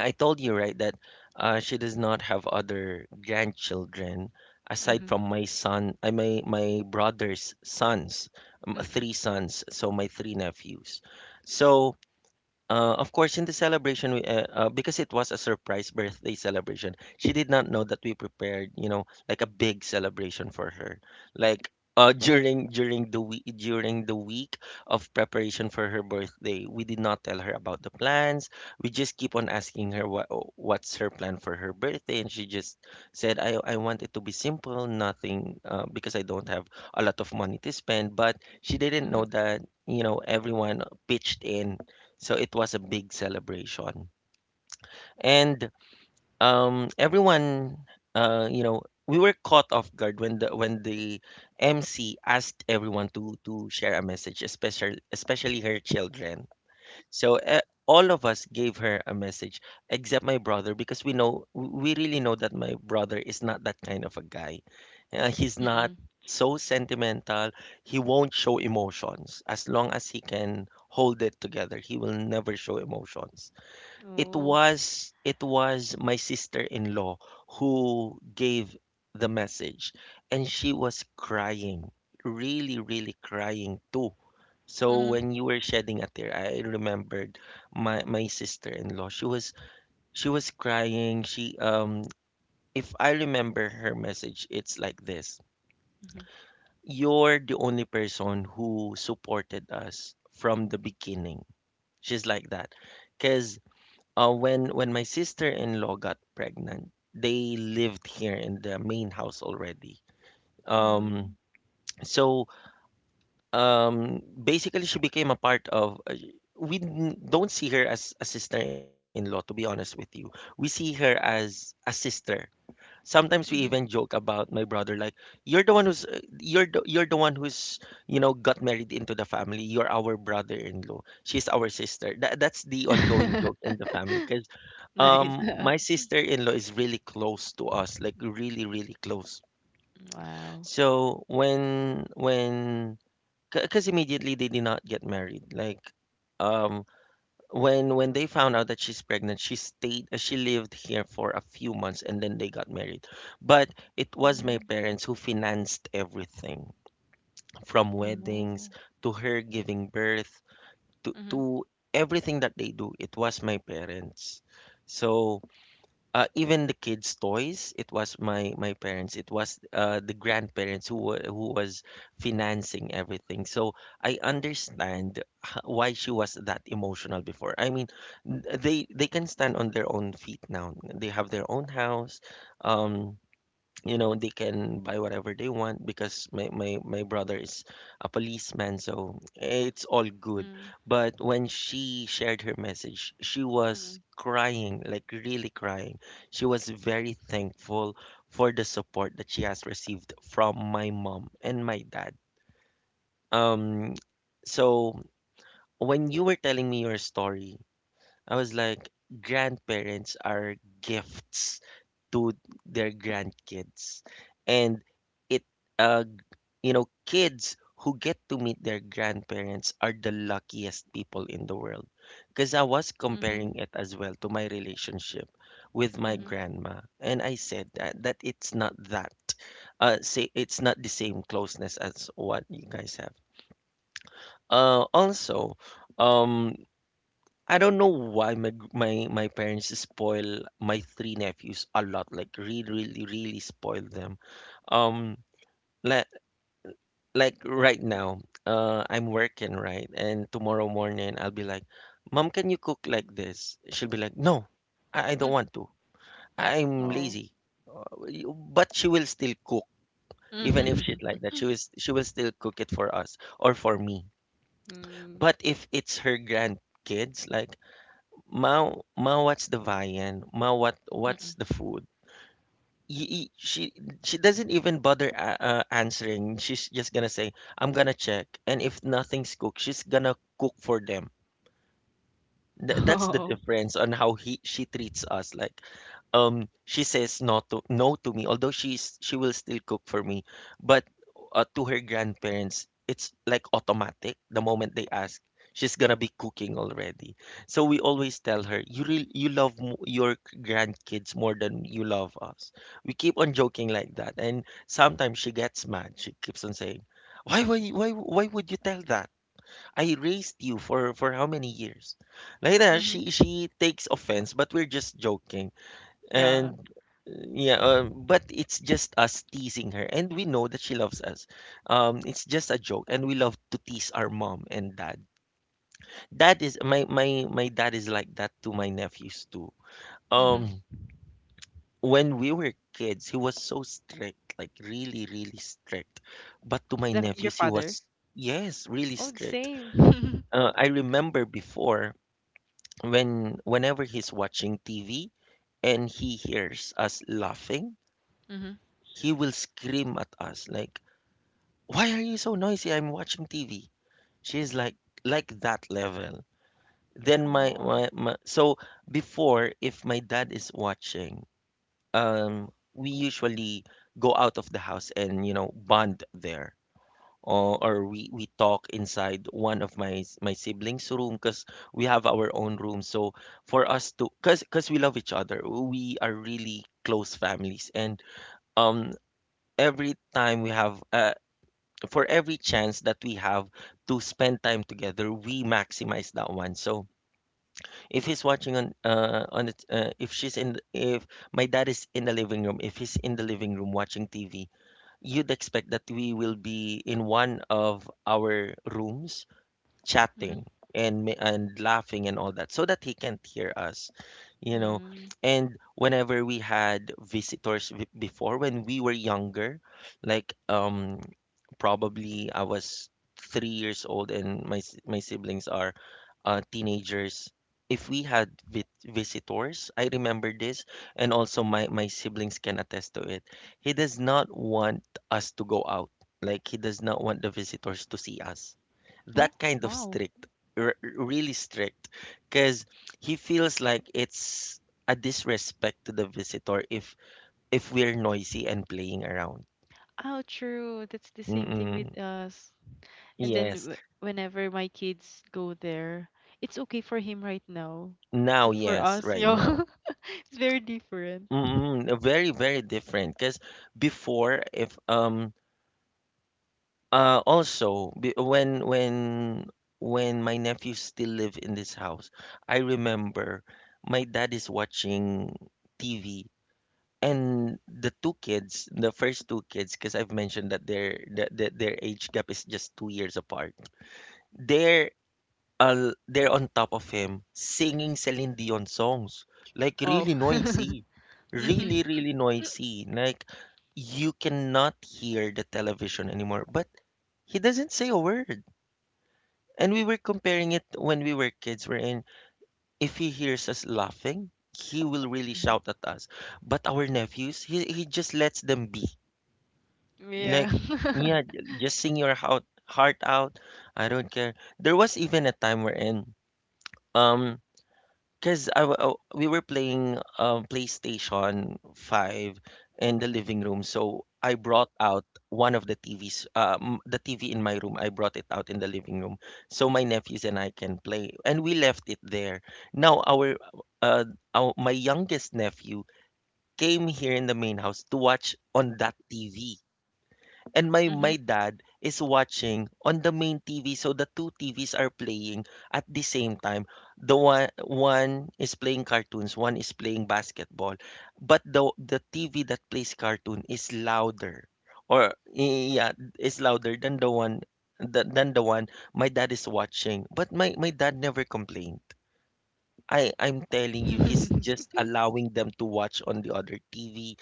Speaker 1: I told you, right, that she does not have other grandchildren aside
Speaker 2: Mhm.
Speaker 1: from my son, I my my brother's sons,
Speaker 2: Mm.
Speaker 1: three sons, so my three nephews. So of course, in the celebration, because it was a surprise birthday celebration, she did not know that we prepared, you know, like a big celebration for her. Like during the week of preparation for her birthday, we did not tell her about the plans. We just keep on asking her what what's her plan for her birthday, and she just said, "I want it to be simple, nothing, because I don't have a lot of money to spend." But she didn't know
Speaker 2: Mhm.
Speaker 1: that you know everyone pitched in, so it was a big celebration. And everyone, you know, we were caught off guard when the MC asked everyone to share a message, especially her children. So all of us gave her a message except my brother because we really know that my brother is not that kind of a guy. He's not
Speaker 2: Mm.
Speaker 1: so sentimental. He won't show emotions as long as he can hold it together. He will never show emotions. It
Speaker 2: Oh.
Speaker 1: was it was my sister-in-law who gave the message, and she was crying, really, really crying too. So
Speaker 2: Mhm.
Speaker 1: when you were shedding a tear, I remembered my sister-in-law. She was crying. She, if I remember her message, it's like this.
Speaker 2: Mhm.
Speaker 1: You're the only person who supported us from the beginning. She's like that. Because when my sister-in-law got pregnant, they lived here in the main house already.
Speaker 2: Mm.
Speaker 1: Um, so basically, she became a part of, we don't see her as a sister-in-law, to be honest with you. We see her as a sister. Sometimes we even
Speaker 2: Mhm.
Speaker 1: joke about my brother, like you're the one who's you're the one who's you know got married into the family. You're our brother-in-law. She's our sister. That's the ongoing joke in the family, 'cause
Speaker 2: Nice.
Speaker 1: my sister-in-law is really close to us, like really, really close.
Speaker 2: Wow.
Speaker 1: So when, because immediately they did not get married. Like um when they found out that she's pregnant, she stayed, she lived here for a few months and then they got married. But it was my
Speaker 2: Mm.
Speaker 1: parents who financed everything, from weddings
Speaker 2: Oh.
Speaker 1: to her giving birth to
Speaker 2: Mhm.
Speaker 1: to everything that they do. It was my parents. So even the kids' toys, it was my parents. It was the grandparents who who was financing everything. So I understand why she was that emotional before. I mean, they can stand on their own feet now. They have their own house. Um, you know they can buy whatever they want because my brother is a policeman, so it's all good.
Speaker 2: Mm.
Speaker 1: But when she shared her message, she was
Speaker 2: Mhm.
Speaker 1: crying, like really crying. She was very thankful for the support that she has received from my mom and my dad. um so when you were telling me your story, I was like, grandparents are gifts to their grandkids. And it, uh, you know, kids who get to meet their grandparents are the luckiest people in the world. Because I was
Speaker 2: Mhm.
Speaker 1: comparing it as well to my relationship with my
Speaker 2: Mhm.
Speaker 1: grandma. And I said that, it's not that. Say it's not the same closeness as what you guys have. Also, um, I don't know why my parents spoil my three nephews a lot. Like really, really, really spoil them. Um, like like right now, I'm working, right, and tomorrow morning I'll be like, "Mom, can you cook like this?" She'll be like, "No, I don't
Speaker 2: Mm.
Speaker 1: want to. I'm
Speaker 2: Oh.
Speaker 1: lazy." But she will still cook, even if she's
Speaker 2: Mhm.
Speaker 1: like that. She will still cook it for us or for me.
Speaker 2: Mm.
Speaker 1: But if it's her grandkids, like, "Ma, Ma, what's the viand? Ma, what what's
Speaker 2: Mm.
Speaker 1: the food?" Y- y- She she doesn't even bother, answering. She's just gonna say, "I'm gonna check," and if nothing's cooked, she's gonna cook for them. Th- that's the
Speaker 2: Oh.
Speaker 1: difference on how he she treats us. Like she says no to me although she will still cook for me. But to her grandparents it's like automatic. The moment they ask, she's gonna be cooking already. So we always tell her, you really you love your grandkids more than you love us. We keep on joking like that, and sometimes she gets mad. She keeps on saying, Why would you tell that? I raised you for how many years," like that.
Speaker 2: Mhm.
Speaker 1: She takes offense, but we're just joking. And
Speaker 2: Yeah.
Speaker 1: yeah, but it's just us teasing her, and we know that she loves us. It's just a joke, and we love to tease our mom and dad. That is, my dad is like that to my nephews too.
Speaker 2: Mhm.
Speaker 1: Um, when we were kids, he was so strict, like really, really strict. But to my
Speaker 2: The, your
Speaker 1: nephews, he
Speaker 2: father.
Speaker 1: was, yes, really
Speaker 2: Oh, the
Speaker 1: strict.
Speaker 2: same.
Speaker 1: I remember before, when whenever he's watching TV and he hears us laughing,
Speaker 2: Mhm.
Speaker 1: he will scream at us like, "Why are you so noisy? I'm watching TV." She's like that level. Then my,
Speaker 2: Oh.
Speaker 1: my my so before, if my dad is watching, we usually go out of the house and you know bond there. Or we talk inside one of my siblings' room because we have our own room. So for us to, cause we love each other, we are really close families. And um, every time we have for every chance that we have to spend time together, we maximize that one. So if he's watching on the, if she's in if my dad is in the living room, if he's in the living room watching TV, you'd expect that we will be in one of our rooms
Speaker 2: Mhm.
Speaker 1: chatting and laughing and all that so that he can't hear us, you know.
Speaker 2: Mm.
Speaker 1: And whenever we had visitors, before when we were younger, like probably I was 3 years old and my siblings are teenagers. If we had visitors, I remember this, and also my siblings can attest to it. He does not want us to go out. Like he does not want the visitors to see us,
Speaker 2: Oh,
Speaker 1: that kind of
Speaker 2: wow.
Speaker 1: strict, really strict, because he feels like it's a disrespect to the visitor if we're noisy and playing around.
Speaker 2: Oh, true. That's the same thing with
Speaker 1: Mm-mm.
Speaker 2: us. And then
Speaker 1: Yes.
Speaker 2: whenever my kids go there, it's okay for him right now.
Speaker 1: now
Speaker 2: But for
Speaker 1: Yes,
Speaker 2: us,
Speaker 1: right
Speaker 2: yo,
Speaker 1: now.
Speaker 2: it's very different.
Speaker 1: Mm-mm. Very very different, because before, if also, when my nephews still live in this house, I remember my dad is watching TV. And the two kids, the first two kids, because I've mentioned that that their age gap is just 2 years apart. They're, they're on top of him singing Celine Dion songs, like
Speaker 2: Wow.
Speaker 1: really noisy,
Speaker 2: Mhm.
Speaker 1: really really noisy. Like you cannot hear the television anymore. But he doesn't say a word. And we were comparing it when we were kids. We're in if he hears us laughing, he will really
Speaker 2: Mhm.
Speaker 1: shout at us. But our nephews, he just lets them be.
Speaker 2: Yeah.
Speaker 1: Like, yeah, just sing your heart out. I don't care. There was even a time um, cause we were playing PlayStation 5 in the living room. So I brought out one of the TVs, the TV in my room. I brought it out in the living room, so my nephews and I can play, and we left it there. Now uh, our my youngest nephew came here in the main house to watch on that TV. And my
Speaker 2: Mhm.
Speaker 1: dad is watching on the main TV, so the two TVs are playing at the same time. The one is playing cartoons, one is playing basketball, but the TV that plays cartoon is louder, or yeah, is louder than the one my dad is watching. But my dad never complained. I'm telling you, he's just allowing them to watch on the other TV,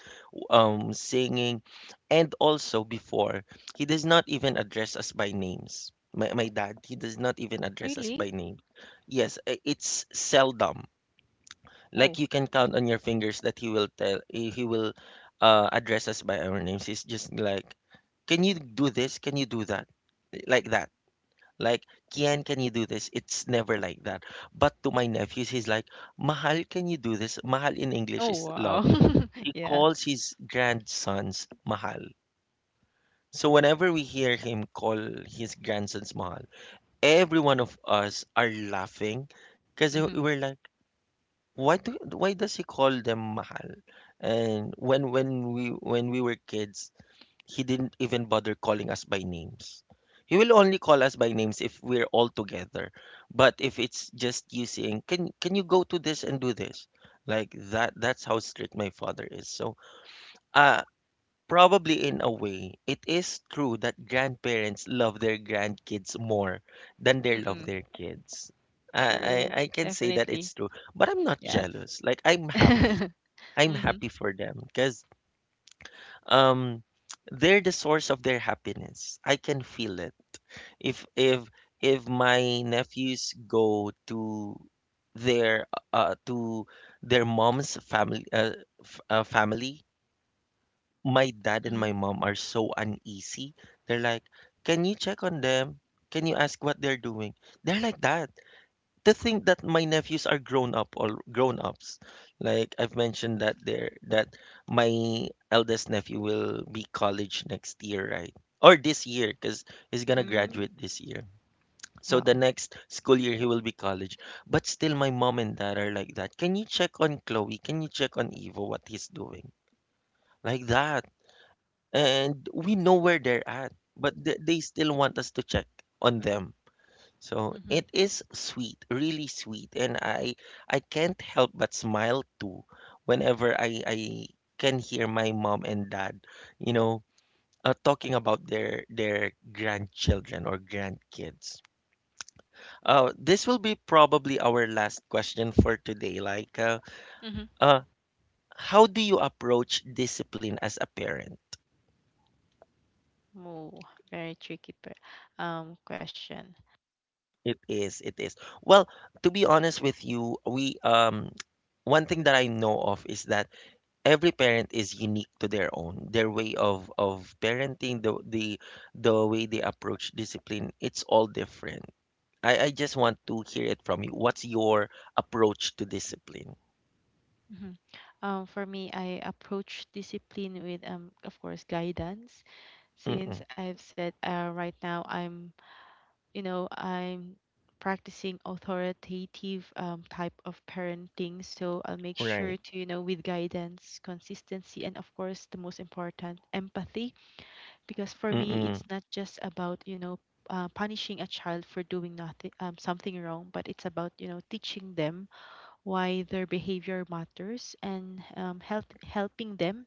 Speaker 1: singing. And also before, he does not even address us by names. My dad, he does not even address us
Speaker 2: Really?
Speaker 1: by name. Yes, it's seldom.
Speaker 2: Oh.
Speaker 1: Like you can count on your fingers that he will tell he will address us by our names. He's just like, can you do this? Can you do that? Like that. Like, Kian, can you do this? It's never like that. But to my nephews, he's like, Mahal, can you do this? Mahal in English
Speaker 2: Oh,
Speaker 1: is
Speaker 2: wow.
Speaker 1: love. He
Speaker 2: Yeah.
Speaker 1: calls his grandsons Mahal. So whenever we hear him call his grandsons Mahal, every one of us are laughing because
Speaker 2: Mhm.
Speaker 1: we're like, why does he call them Mahal? And when we were kids, he didn't even bother calling us by names. He will only call us by names if we're all together. But if it's just you saying, "Can you go to this and do this?" Like that's how strict my father is. So, uh probably in a way, it is true that grandparents love their grandkids more than they love
Speaker 2: Mm-mm.
Speaker 1: their kids. I
Speaker 2: True.
Speaker 1: I, I can say that
Speaker 2: Definitely.
Speaker 1: it's true, but I'm not
Speaker 2: Yes.
Speaker 1: jealous. Like I'm happy. I'm
Speaker 2: Mhm.
Speaker 1: happy for them because um they're the source of their happiness. I can feel it. If if my nephews go their to their mom's family, family, my dad and
Speaker 2: Mhm.
Speaker 1: my mom are so uneasy. They're like, can you check on them, can you ask what they're doing? They're like that. To think that my nephews are grown up, all grown ups. Like I've mentioned that there that my eldest nephew will be college next year, right? Or this year because he's gonna
Speaker 2: Mm.
Speaker 1: graduate this year. So the
Speaker 2: Wow.
Speaker 1: next school year he will be college. But still my mom and dad are like that, can you check on Chloe, can you check on Evo, what he's doing? Like that. And we know where they're at, but they still want us to check on them. So
Speaker 2: Mhm.
Speaker 1: it is sweet, really sweet, and I can't help but smile too whenever I can hear my mom and dad, you know, talking about their grandchildren or grandkids. This will be probably our last question for today. Like,
Speaker 2: Mhm.
Speaker 1: uh, how do you approach discipline as a parent?
Speaker 2: Oh, very tricky per, question.
Speaker 1: It is, it is. Well, to be honest with you, we one thing that I know of is that every parent is unique to their own, their way of parenting. The way they approach discipline, it's all different. I just want to hear it from you, what's your approach to discipline?
Speaker 2: Mhm. For me, I approach discipline with, of course, guidance. Since
Speaker 1: Mm-mm,
Speaker 2: I've said, right now I'm, you know, I'm practicing authoritative type of parenting, so I'll make sure
Speaker 1: right.
Speaker 2: to, you know, with guidance, consistency, and of course, the most important, empathy. Because for me,
Speaker 1: Mm-mm,
Speaker 2: it's not just about, you know, punishing a child for doing nothing, something wrong, but it's about, you know, teaching them why their behavior matters and, helping them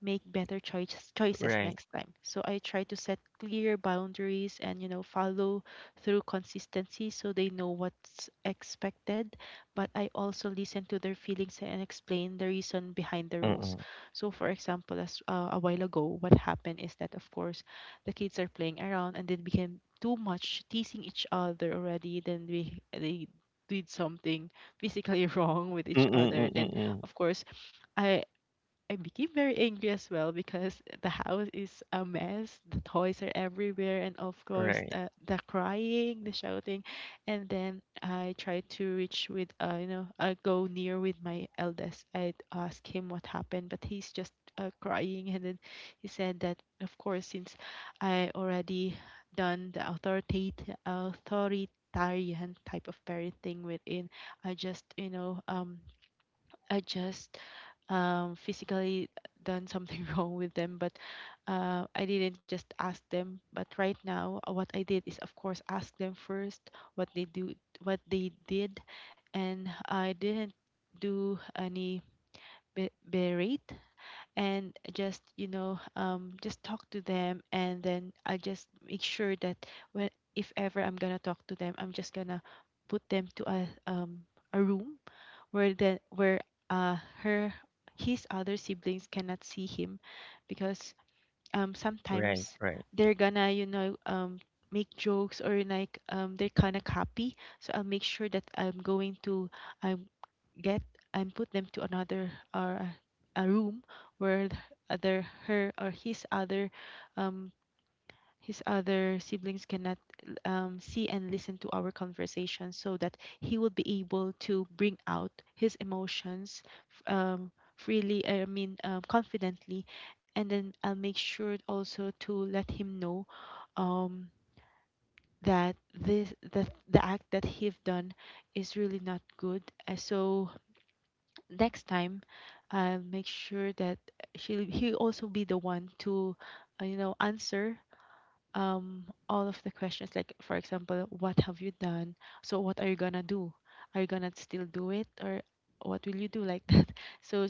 Speaker 2: make better choices
Speaker 1: right.
Speaker 2: next time. So I try to set clear boundaries and, you know, follow through consistency so they know what's expected, but I also listen to their feelings and explain the reason behind the rules.
Speaker 1: Mm-mm,
Speaker 2: So for example, as a while ago what happened is that of course the kids are playing around and then became too much teasing each other already then we they did something physically wrong with each
Speaker 1: mm-mm,
Speaker 2: other.
Speaker 1: mm-mm,
Speaker 2: Then
Speaker 1: mm,
Speaker 2: of course I I became very angry as well because the house is a mess, the toys are everywhere, and of course,
Speaker 1: right,
Speaker 2: the crying, the shouting. And then I tried to reach with, I go near with my eldest. I'd ask him what happened, but he's just crying. And then he said that, of course, since I already done the authoritarian type of parenting within, I just, you know, um, I just physically done something wrong with them, but I didn't just ask them. But right now, what I did is, of course, ask them first what they do, what they did, and I didn't do any berate and just you know just talk to them, and then I just make sure that when if ever I'm gonna talk to them, I'm just gonna put them to a room where the where uh her his other siblings cannot see him because
Speaker 1: right,
Speaker 2: sometimes
Speaker 1: right.
Speaker 2: they're gonna make jokes or like they're kind of copy. So I'll make sure that I'm going to um get and put them to another or a room where th- other her or um his other siblings cannot see and listen to our conversation, so that he would be able to bring out his emotions freely. I mean confidently. And then I'll make sure also to let him know um, that the act that he've done is really not good. So next time I'll make sure that she he also be the one to answer all of the questions, like for example, what have you done, so what are you gonna do, are you gonna still do it, or what will you do, like that. so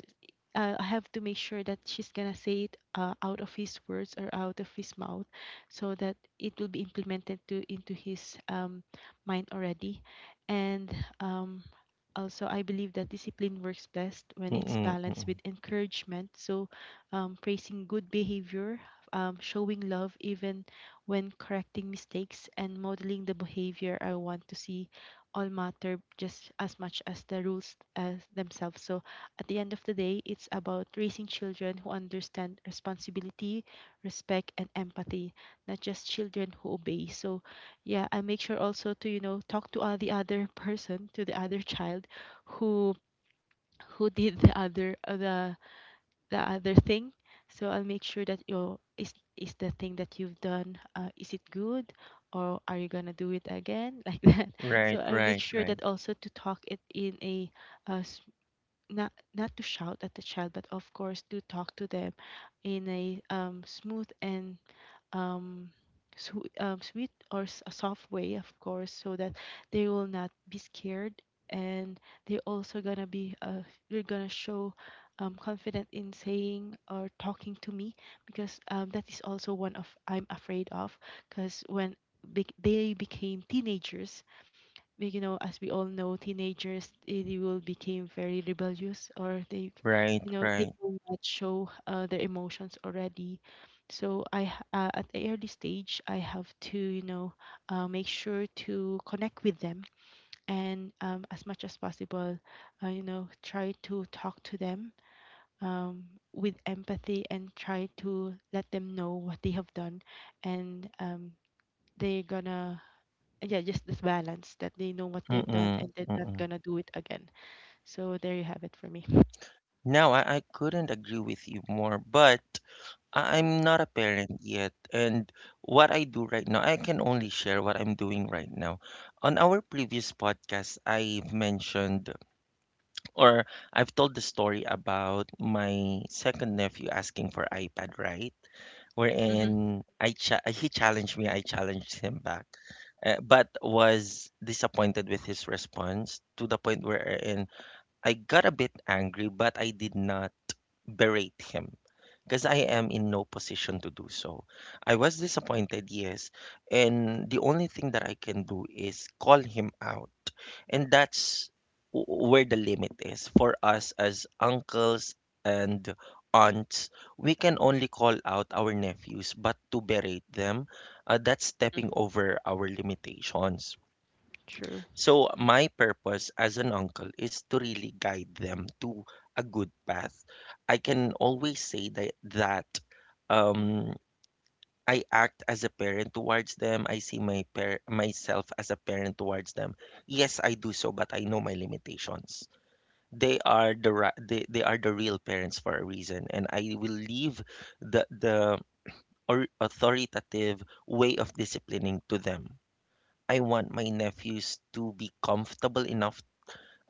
Speaker 2: uh, I have to make sure that she's gonna say it out of his words or out of his mouth, so that it will be implemented to into his mind already. And um, also, I believe that discipline works best when it's
Speaker 1: Mm-mm,
Speaker 2: balanced
Speaker 1: mm-mm,
Speaker 2: with encouragement. So, praising good behavior, showing love even when correcting mistakes, and modeling the behavior I want to see all matter just as much as the rules as themselves. So, at the end of the day, it's about raising children who understand responsibility, respect, and empathy, not just children who obey. So, yeah, I make sure also to talk to the other person, to the other child who who did the other the other thing. So I'll make sure that your is the thing that you've done, is it good, or are you gonna do it again? Like that. So
Speaker 1: right,
Speaker 2: I'll make
Speaker 1: right,
Speaker 2: sure
Speaker 1: right,
Speaker 2: that also to talk it in a uh, s- not to shout at the child, but of course to talk to them in a smooth and um, sweet or a soft way, of course, so that they will not be scared, and they're also gonna be they're gonna show confident in saying or talking to me. Because that is also one of I'm afraid of. Because when bec they became teenagers, we, you know, as we all know, teenagers they will become very rebellious, or they,
Speaker 1: right,
Speaker 2: you know, they
Speaker 1: right.
Speaker 2: will not show their emotions already. So I, at the early stage, I have to, you know, make sure to connect with them and as much as possible, try to talk to them um, with empathy and try to let them know what they have done, and they're gonna yeah, just this balance that they know what they've done
Speaker 1: Mm-mm,
Speaker 2: and they're not
Speaker 1: mm-mm.
Speaker 2: gonna do it again. So there you have it for me.
Speaker 1: No, I couldn't agree with you more, but I- I'm not a parent yet, and what I do right now, I can only share what I'm doing right now. On our previous podcast, I've mentioned or I've told the story about my second nephew asking for iPad, right?
Speaker 2: Hmm.
Speaker 1: Wherein I cha he challenged me, I challenged him back, but was disappointed with his response to the point wherein I got a bit angry, but I did not berate him because I am in no position to do so. I was disappointed, yes, and the only thing that I can do is call him out. And that's w- where the limit is for us as uncles and aunts. We can only call out our nephews, but to berate them, that's stepping over our limitations.
Speaker 2: True.
Speaker 1: So my purpose as an uncle is to really guide them to a good path. I can always say that um I act as a parent towards them. I see my par myself as a parent towards them. Yes, I do so, but I know my limitations. They are the they are the real parents for a reason, and I will leave the or authoritative way of disciplining to them. I want my nephews to be comfortable enough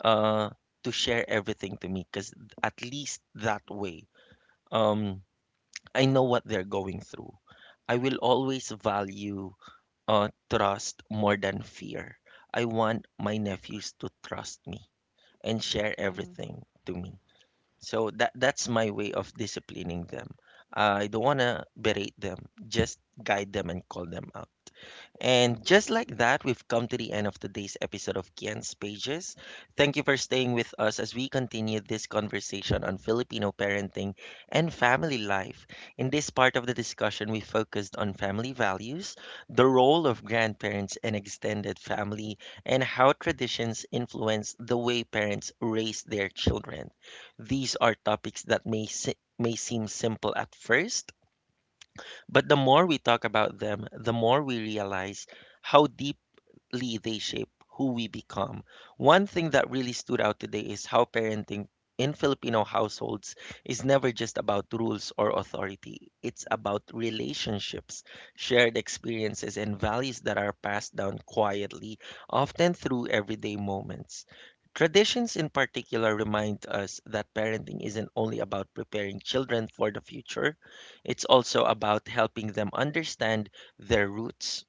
Speaker 1: uh, to share everything to me because at least that way, um, I know what they're going through. I will always value trust more than fear. I want my nephews to trust me and share everything to me. So that's my way of disciplining them. I don't want to berate them, just guide them and call them out. And just like that, we've come to the end of today's episode of Kian's Pages. Thank you for staying with us as we continue this conversation on Filipino parenting and family life. In this part of the discussion, we focused on family values, the role of grandparents and extended family, and how traditions influence the way parents raise their children. These are topics that may, se- may seem simple at first, but the more we talk about them, the more we realize how deep they shape who we become. One thing that really stood out today is how parenting in Filipino households is never just about rules or authority. It's about relationships, shared experiences, and values that are passed down quietly, often through everyday moments. Traditions in particular remind us that parenting isn't only about preparing children for the future, it's also about helping them understand their roots,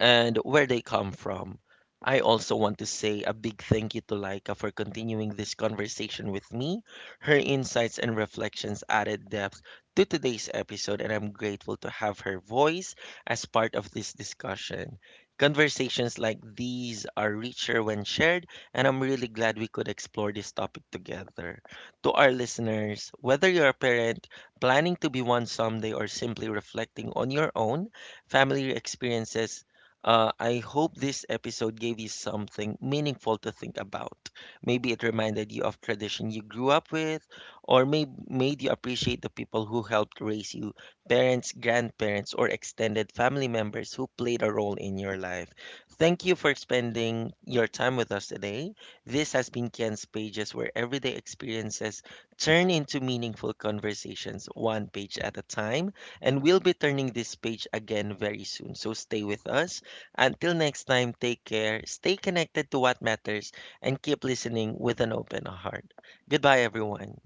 Speaker 1: and where they come from. I also want to say a big thank you to Laika for continuing this conversation with me. Her insights and reflections added depth to today's episode, and I'm grateful to have her voice as part of this discussion. Conversations like these are richer when shared, and I'm really glad we could explore this topic together. To our listeners, whether you're a parent, planning to be one someday, or simply reflecting on your own family experiences, I hope this episode gave you something meaningful to think about. Maybe it reminded you of tradition you grew up with, or may- made you appreciate the people who helped raise you, parents, grandparents, or extended family members who played a role in your life. Thank you for spending your time with us today. This has been Ken's Pages, where everyday experiences turn into meaningful conversations, one page at a time. And we'll be turning this page again very soon. So stay with us until next time, take care, stay connected to what matters, and keep listening with an open heart. Goodbye, everyone.